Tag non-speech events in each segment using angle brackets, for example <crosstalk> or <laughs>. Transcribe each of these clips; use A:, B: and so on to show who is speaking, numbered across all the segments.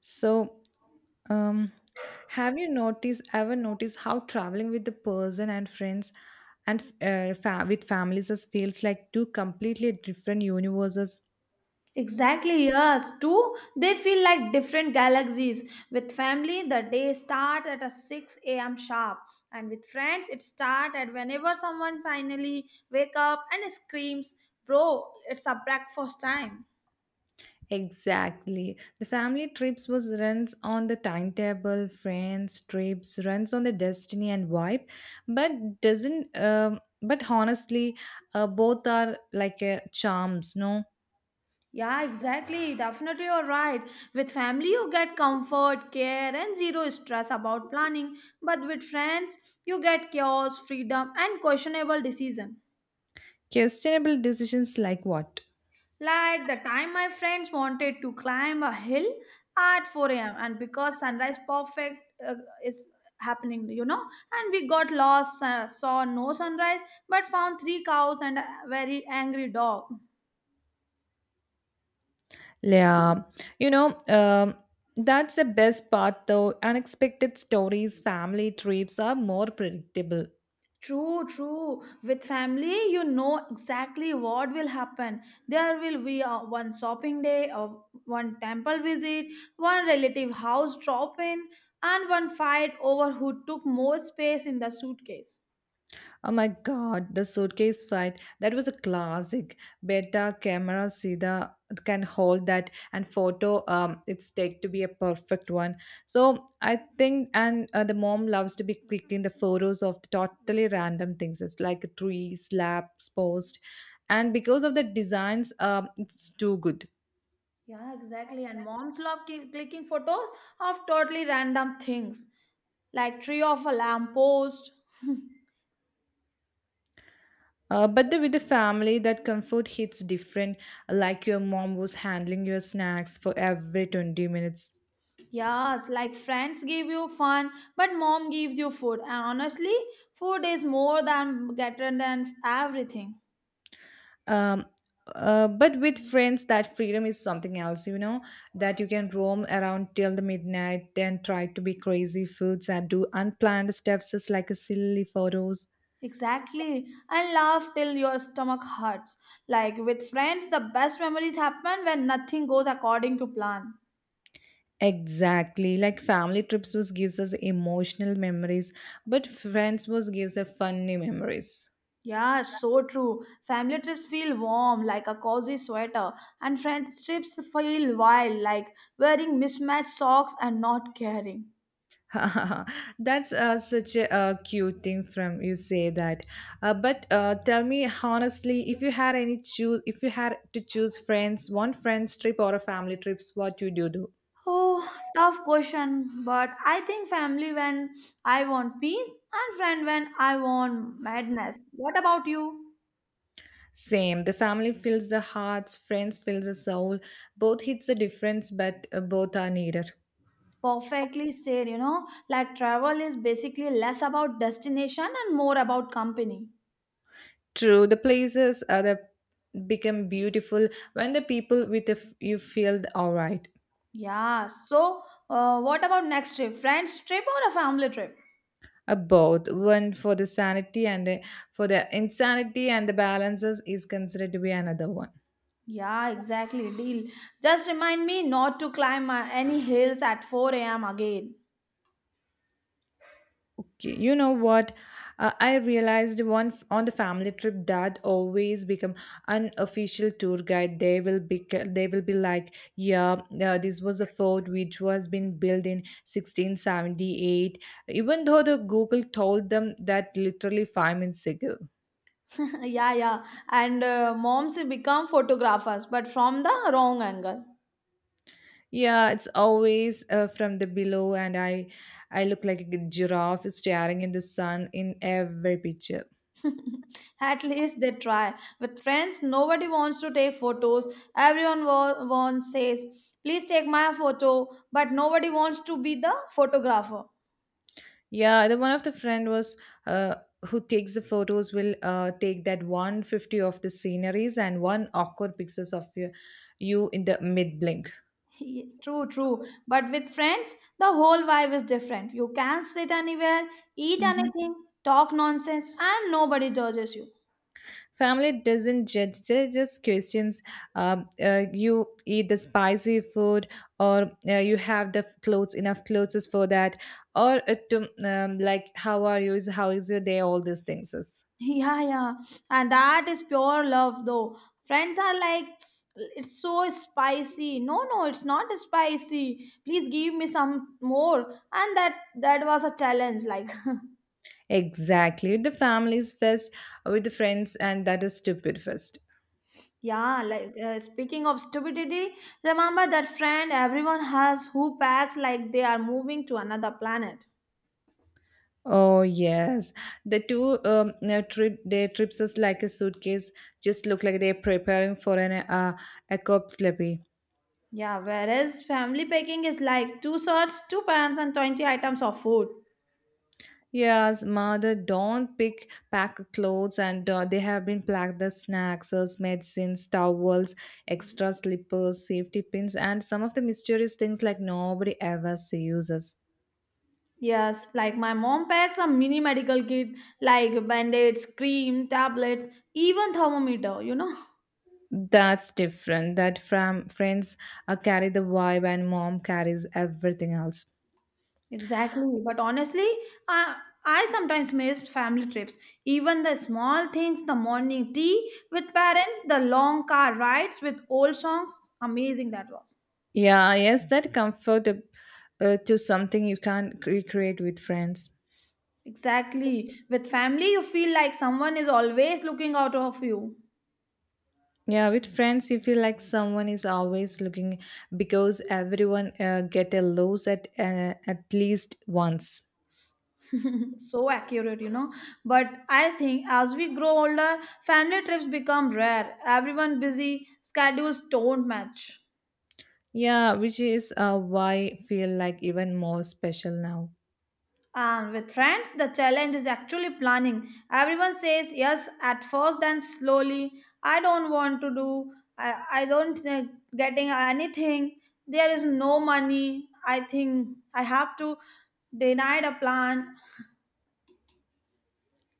A: So, um, have you noticed ever noticed how traveling with the person and friends and with families as feels like two completely different universes?
B: Exactly, yes. Two, they feel like different galaxies. With family, the day starts at a 6 a.m. sharp. And with friends, it starts at whenever someone finally wake up and screams, bro, it's a breakfast time.
A: Exactly. The family trips was runs on the timetable, friends trips runs on the destiny and vibe, but doesn't. But honestly, both are like charms. No.
B: Yeah, exactly. Definitely you're right. With family, you get comfort, care, and zero stress about planning. But with friends, you get chaos, freedom, and questionable decision.
A: Questionable decisions like what?
B: Like the time my friends wanted to climb a hill at 4 a.m. and because sunrise perfect is happening, and we got lost, saw no sunrise, but found three cows and a very angry dog.
A: Yeah, you know, um, that's the best part though. Unexpected stories, family trips are more predictable.
B: True, true. With family, you know exactly what will happen. There will be one shopping day, or one temple visit, one relative house drop in, and one fight over who took more space in the suitcase.
A: Oh my god, the suitcase fight. That was a classic. Beta camera Sida can hold that and photo it's take to be a perfect one. So I think and the mom loves to be clicking the photos of totally random things. It's like a tree, slabs, post. And because of the designs, it's too good.
B: Yeah, exactly. And moms love clicking photos of totally random things, like tree of a lamppost. <laughs>
A: With the family, that comfort hits different, like your mom was handling your snacks for every 20 minutes.
B: Yes, like friends give you fun, but mom gives you food. And honestly, food is more than better than everything.
A: Um, but with friends, that freedom is something else, you know, that you can roam around till the midnight, then try to be crazy foods and do unplanned steps, just like a silly photos.
B: Exactly. And laugh till your stomach hurts. Like with friends, the best memories happen when nothing goes according to plan.
A: Exactly, like family trips was gives us emotional memories, but friends was gives us funny memories.
B: Yeah, so true. Family trips feel warm like a cozy sweater, and friendships feel wild like wearing mismatched socks and not caring.
A: <laughs> That's such a cute thing from you say that. But tell me honestly, if you had any choose, if you had to choose friends, one friends trip or a family trips, what would you do?
B: Oh, tough question, but I think family when I want peace and friend when I want madness. What about you?
A: Same. The family fills the hearts, friends fills the soul. Both hits the difference, but both are needed.
B: Perfectly said, you know, like travel is basically less about destination and more about company.
A: True. The places are the become beautiful when the people with the you feel all right.
B: Yeah, so what about next trip? Friends trip or a family trip?
A: Both one for the sanity and for the insanity and the balances is considered to be another one.
B: Yeah, exactly. Deal. Just remind me not to climb any hills at 4 a.m. again.
A: Okay, you know what, I realized on the family trip that always become unofficial tour guide. They will be, they will be like, yeah, this was a fort which was been built in 1678 even though the google told them that literally 5 minutes ago.
B: <laughs> Yeah, yeah. And moms become photographers, but from the wrong angle.
A: Yeah, it's always from the below, and I look like a giraffe staring in the sun in every picture.
B: <laughs> At least they try. With friends, nobody wants to take photos. Everyone wants says, "Please take my photo," but nobody wants to be the photographer.
A: Yeah, the one of the friend was uh, who takes the photos will take that 150 of the sceneries and one awkward pictures of you in the mid blink.
B: True, true. But with friends, the whole vibe is different. You can sit anywhere, eat anything, talk nonsense, and nobody judges you. <laughs>
A: Family doesn't judge, they just questions. You eat the spicy food, or you have the clothes, enough clothes is for that, or like how are you, is how is your day, all these things is.
B: Yeah, yeah. And that is pure love, though. Friends are like, "Tss, it's so spicy. No, no, it's not spicy. Please give me some more. And that was a challenge. Like,
A: Exactly. With the families first, with the friends, and that is stupid first.
B: <laughs> yeah, like speaking of stupidity, remember that friend everyone has who packs like they are moving to another planet.
A: Oh yes, the two trip their trips is like a suitcase. Just look like they're preparing for an a cop slippy.
B: Yeah, whereas family packing is like two shirts, two pants, and 20 items of food.
A: Yes, mother don't pick pack clothes and they have been packed the snacks, medicines, towels, extra slippers, safety pins, and some of the mysterious things like nobody ever sees us.
B: Yes, like my mom packs a mini medical kit like band aids, cream, tablets, even thermometer, you know?
A: That's different. That from friends carry the vibe and mom carries everything else.
B: Exactly. But honestly, I, I sometimes miss family trips. Even the small things, the morning tea with parents, the long car rides with old songs. Amazing that was.
A: Yeah, yes, that comfort to something you can't recreate with friends.
B: Exactly. With family, you feel like someone is always looking out of you.
A: Yeah, with friends, you feel like someone is always looking because everyone get a lose at least once.
B: So accurate, you know, but I think as we grow older, family trips become rare, everyone busy schedules don't match,
A: Yeah, which is why feel like even more special now.
B: and with friends the challenge is actually planning, everyone says yes at first, then slowly, I don't want to do I don't getting anything, there is no money, I think I have to denied a plan.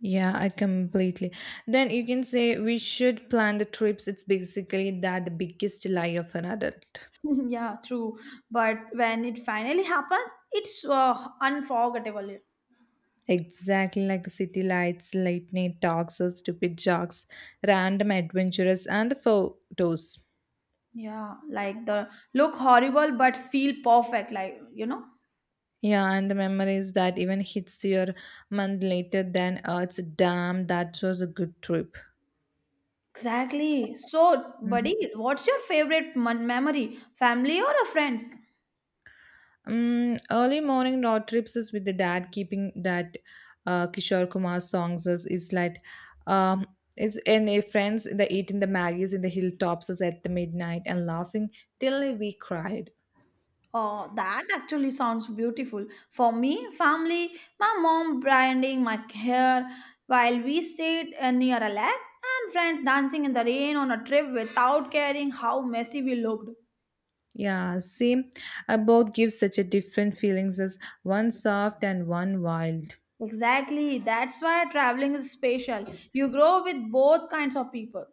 A: Yeah, I completely. Then you can say we should plan the trips. It's basically that the biggest lie of an adult.
B: <laughs> Yeah, true, but when it finally happens, it's unforgettable.
A: Exactly like city lights, late night talks, or stupid jokes, random adventures, and the photos.
B: Yeah, like the look horrible but feel perfect, like you know.
A: Yeah, and the memories that even hits your month later than it's damn that was a good trip.
B: Exactly. So,
A: Mhm.
B: buddy, what's your favorite memory? Family or a friends?
A: Early morning road trips is with the dad keeping that Kishore Kumar is like um it's in a friends the eating the maggies in the hilltops is at the midnight and laughing till we cried.
B: Oh, that actually sounds beautiful. For me, family, my mom branding my hair while we stayed near a lake, and friends dancing in the rain on a trip without caring how messy we looked.
A: Yeah, see, both give such a different feelings as one soft and one wild.
B: Exactly. That's why traveling is special. You grow with both kinds of people.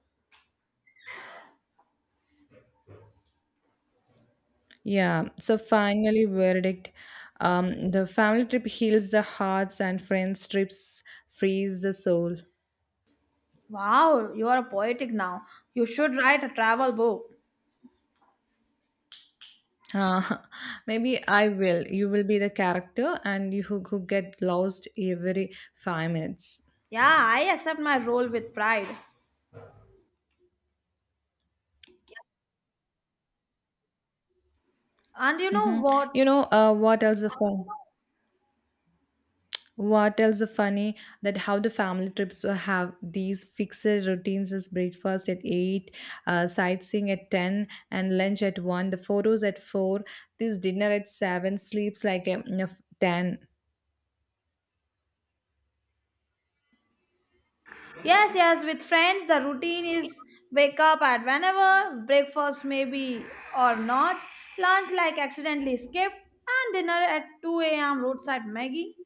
A: Yeah, so finally, verdict. The family trip heals the hearts, and friends trips frees the soul.
B: Wow, you are poetic now. You should write a travel book.
A: Uh, <laughs> maybe I will. You will be the character, and who get lost every 5 minutes.
B: Yeah, I accept my role with pride. And you know
A: Hmm.
B: what?
A: You know what else? The fun? What else is funny that how the family trips will have these fixed routines is breakfast at 8, sightseeing at 10, and lunch at 1, the photos at 4, this dinner at 7, sleeps like of 10.
B: Yes, yes, with friends, the routine is wake up at whenever, breakfast maybe or not, lunch like accidentally skipped, and dinner at 2 a.m. roadside Maggie.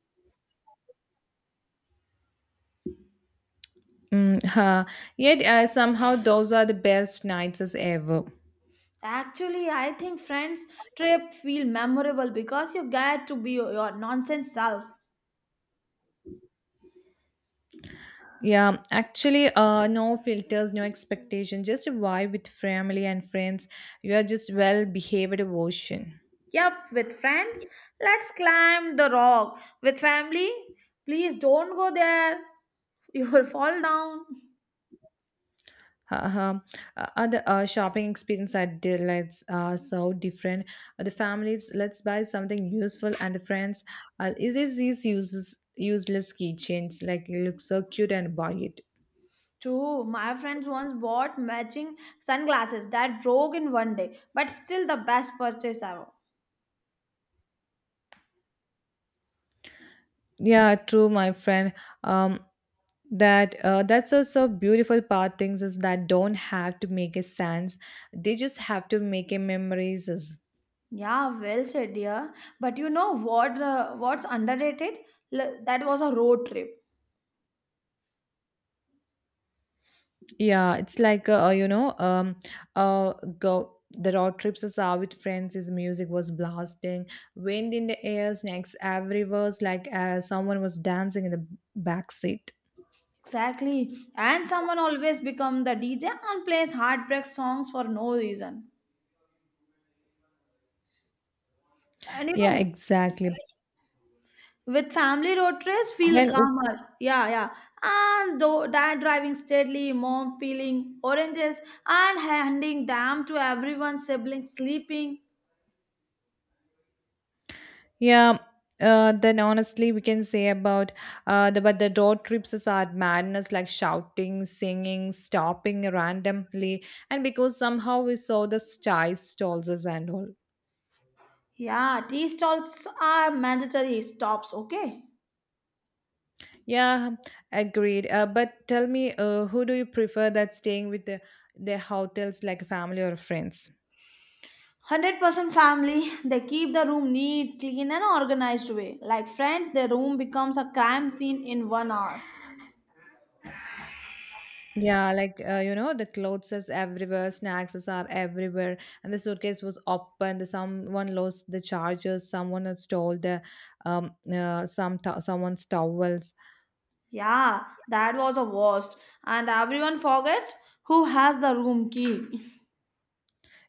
A: Mm, huh. Yet somehow those are the best nights as ever.
B: Actually, I think friends' trip feel memorable because you get to be your nonsense self.
A: Yeah, actually, no filters, no expectation, just a vibe with family and friends. You are just well behaved version.
B: Yep, with friends, let's climb the rock. With family, please don't go there. You will fall down.
A: Uh-huh. Other shopping experience at Delights are so different. The families, let's buy something useful, and the friends, is this these uses useless keychains? Like it looks so cute and buy it.
B: True, my friends once bought matching sunglasses that broke in 1 day, but still the best purchase ever.
A: Yeah, true, my friend. Um, that's also beautiful part. Things is that don't have to make a sense. They just have to make a memories.
B: Yeah, well said, dear. But you know what? What's underrated? That was a road trip.
A: Yeah, it's like uh, go the road trips us out with friends. His music was blasting, wind in the air, snakes everywhere, it's like someone was dancing in the back seat.
B: Exactly. And someone always become the DJ and plays heartbreak songs for no reason. And you
A: Yeah,
B: know,
A: exactly.
B: with family road trips, feel
A: Then it-
B: calmer. Yeah, yeah. And though dad driving steadily, mom peeling oranges and handing them to everyone, siblings sleeping.
A: yeah. Then honestly, we can say about the but the road trips is are madness like shouting, singing, stopping randomly, and because somehow we saw the shy stalls and all.
B: Yeah, tea stalls are mandatory stops, okay?
A: Yeah, agreed. But tell me, who do you prefer that staying with the hotels like family or friends?
B: 100% family, they keep the room neat, clean, and organized way. Like friends, their room becomes a crime scene in 1 hour.
A: Yeah, like the clothes is everywhere, snacks is are everywhere, and the suitcase was open. The someone lost the chargers, someone had stole the someone's towel.
B: Yeah, that was a worst. And everyone forgets who has the room key.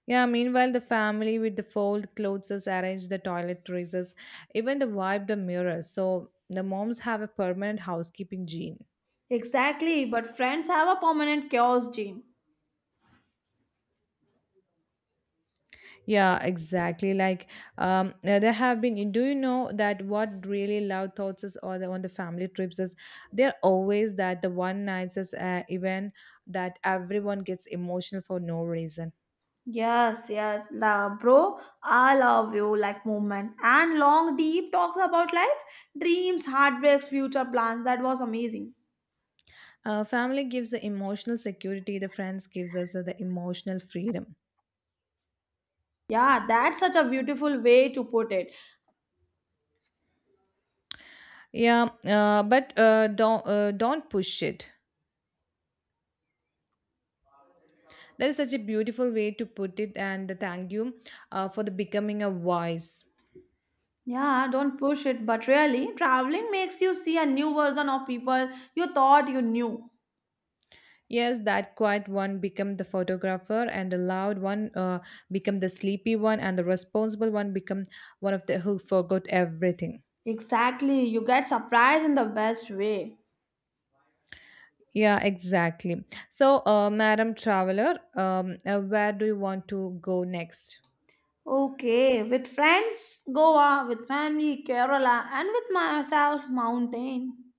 A: Yeah, meanwhile, the family with the fold clothes has arranged the toiletries, even the wiped the mirrors. So the moms have a permanent housekeeping gene.
B: Exactly, but friends have a permanent chaos gene.
A: Yeah, exactly. Like there have been. Do you know that what really loud thoughts is or the, on the family trips is they're always that the one nights is event that everyone gets emotional for no reason.
B: Yes, yes, la, bro, I love you like movement and long deep talks about life, dreams, heartbreaks, future plans. That was amazing.
A: Family gives the emotional security. The friends gives us the emotional freedom.
B: Yeah, that's such a beautiful way to put it.
A: Yeah, but don't push it. That is such a beautiful way to put it, and thank you for the becoming a voice.
B: Yeah, don't push it, but really, traveling makes you see a new version of people you thought you knew.
A: Yes, that quiet one become the photographer, and the loud one become the sleepy one, and the responsible one become one of the who forgot everything.
B: Exactly, you get surprised in the best way.
A: Yeah, exactly. So, Madam Traveler, where do you want to go next?
B: Okay, with friends, Goa, with family, Kerala, and with myself, mountain.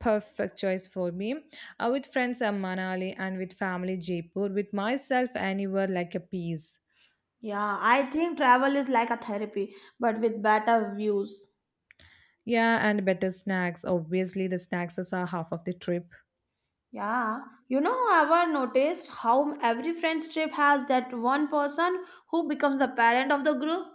A: Perfect choice for me. With friends, I'm Manali, and with family, Jaipur. With myself, anywhere like a piece.
B: Yeah, I think travel is like a therapy, but with better views.
A: Yeah, and better snacks. Obviously, the snacks are half of the trip.
B: Yeah, you know, I've noticed how every friend's trip has that one person who becomes the parent of the group.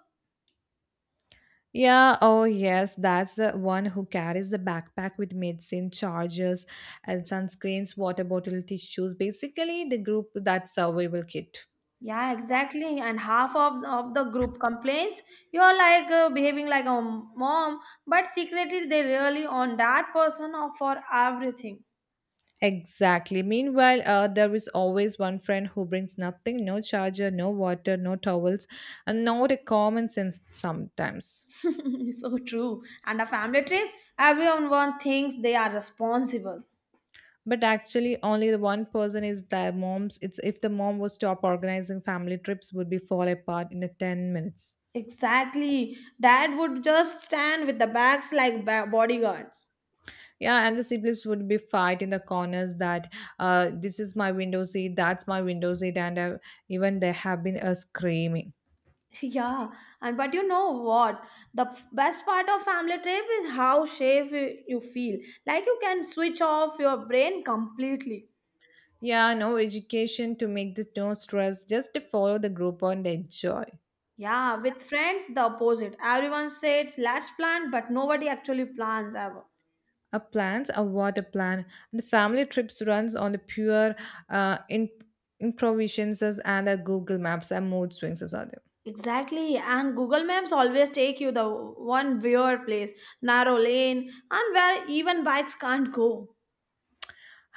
A: Yeah, oh yes, that's the one who carries the backpack with medicine, chargers, and sunscreens, water bottle, tissues. Basically, the group that survival kit.
B: Yeah, exactly. And half of the group complains you're like behaving like a mom, but secretly they really on that person or for everything.
A: Exactly. Meanwhile, there is always one friend who brings nothing no charger, no water, no towels, and not a common sense sometimes.
B: <laughs> So true. And a family trip, everyone one thinks they are responsible.
A: But actually, only the one person is the mom's. It's if the mom was stop organizing family trips, would be fall apart in a 10 minutes.
B: Exactly. Dad would just stand with the bags like bodyguards.
A: Yeah, and the siblings would be fight in the corners that this is my window seat, that's my window seat, and even they have been screaming.
B: <laughs> Yeah, and but you know what? The best part of family trip is how safe you feel. Like you can switch off your brain completely.
A: Yeah, no education to make this no stress, just to follow the group and enjoy.
B: Yeah, with friends, the opposite. Everyone says, let's plan, but nobody actually plans ever.
A: A plans a water plan, the family trips runs on the pure uh, in- improvisations and the google maps and mood swings as other.
B: Exactly, and Google Maps always take you the one weird place, narrow lane, and where even bikes can't go.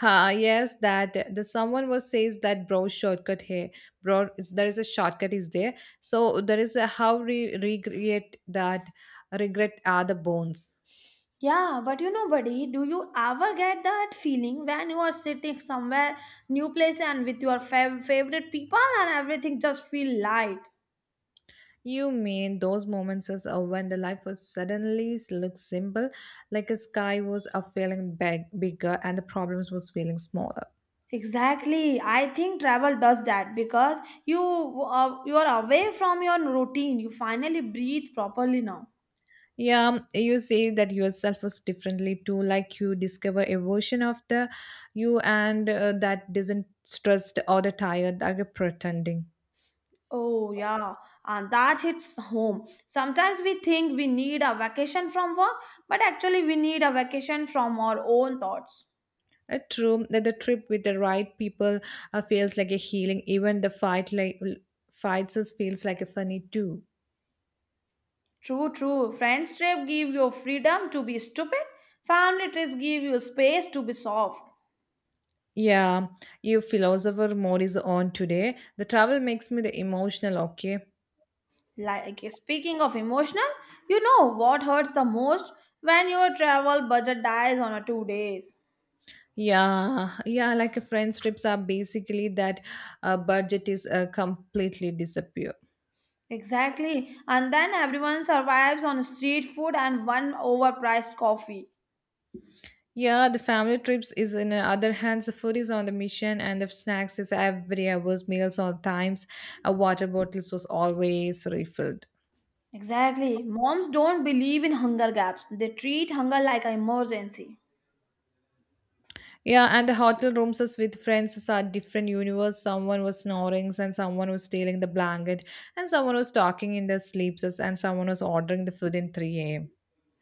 A: Ah yes that the someone was says that bro shortcut here, there is a shortcut is there, so there is a how recreate that regret are the bones.
B: Yeah, but you know, buddy, do you ever get that feeling when you are sitting somewhere, new place, and with your favorite people, and everything just feel light?
A: You mean those moments as when the life was suddenly looks simple like a sky was a feeling bigger and the problems was feeling smaller.
B: Exactly, I think travel does that because you are away from your routine. You finally breathe properly now.
A: Yeah, you say that yourself was differently too, like you discover a version of the you and that doesn't stressed or the tired like a pretending.
B: Oh, yeah, and that hits home. Sometimes we think we need a vacation from work, but actually, we need a vacation from our own thoughts.
A: True that the trip with the right people feels like a healing. Even the fight like fights is feels like a funny too.
B: True, true. Friends trip give you freedom to be stupid. Family trips give you space to be soft.
A: Yeah, you philosopher mode is on today. The travel makes me the emotional. Okay.
B: Like speaking of emotional, you know what hurts the most when your travel budget dies on a 2 days.
A: Yeah, yeah, like a friends trips are basically that budget is completely disappear.
B: Exactly, and then everyone survives on street food and one overpriced coffee.
A: Yeah, the family trips is in the other hands. The food is on the mission, and the snacks is every hours, meals on times. A water bottles was always refilled.
B: Exactly. Moms don't believe in hunger gaps. They treat hunger like an emergency.
A: Yeah, and the hotel rooms is with friends is a different universe. Someone was snoring, and someone was stealing the blanket, and someone was talking in their and someone was ordering the food in 3 a.m.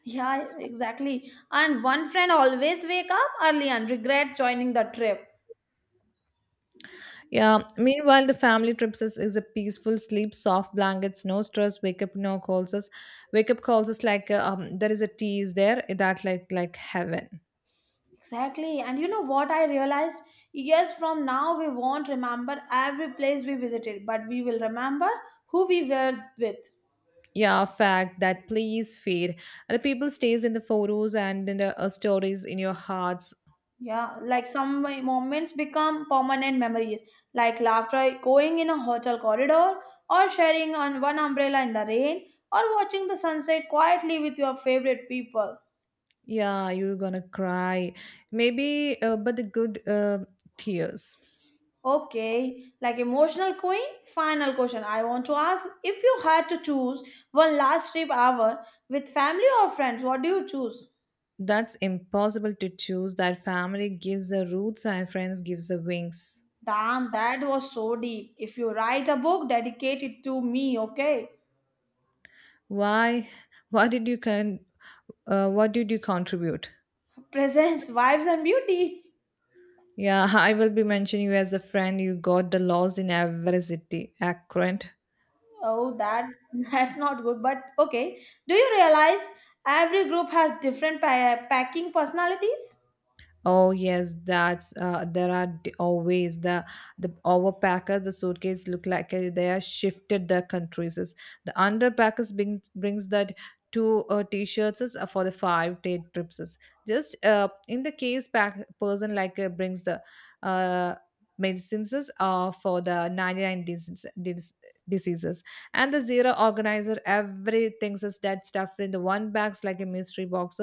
B: Yeah, exactly. And one friend always wake up early and regret joining the trip.
A: Yeah. Meanwhile, the family trips is a peaceful sleep, soft blankets, no stress, wake up, no calls us. Wake up calls us like there is a tea is there that like heaven.
B: Exactly. And you know what I realized? Years from now, we won't remember every place we visited, but we will remember who we were with.
A: Yeah fact that please fade, the people stays in the photos and in the stories in your hearts.
B: Yeah, like some moments become permanent memories, like laughter going in a hotel corridor, or sharing on one umbrella in the rain, or watching the sunset quietly with your favorite people.
A: Yeah you're gonna cry maybe but the good tears.
B: Okay, like emotional queen, final question. I want to ask if you had to choose one last trip ever with family or friends, what do you choose?
A: That's impossible to choose, that family gives the roots and friends gives the wings.
B: Damn, that was so deep. If you write a book, dedicate it to me, okay?
A: Why, what did you what did you contribute?
B: <laughs> Presence, vibes, and beauty.
A: Yeah <laughs> I will be mentioning you as a friend you got the lost in every city accurate.
B: Oh, that <laughs> that's not good. But okay, do you realize every group has different packing personalities?
A: Oh yes, that's there are always the overpackers. The suitcase look like they are shifted the countries. Is the underpackers brings that two t-shirts is, for the 5 day trips. Is. Just in the case pack person like brings the uh, medicines is, for the 99 diseases and the zero organizer everything is that stuff in the one bags like a mystery box,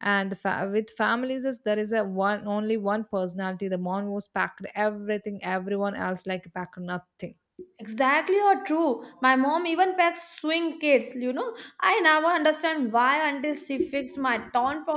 A: and the with families is there is a one only one personality, the mom was packed everything everyone else like packed nothing.
B: Exactly or true. My mom even packs swing kids. You know, I never understand why until she fixed my torn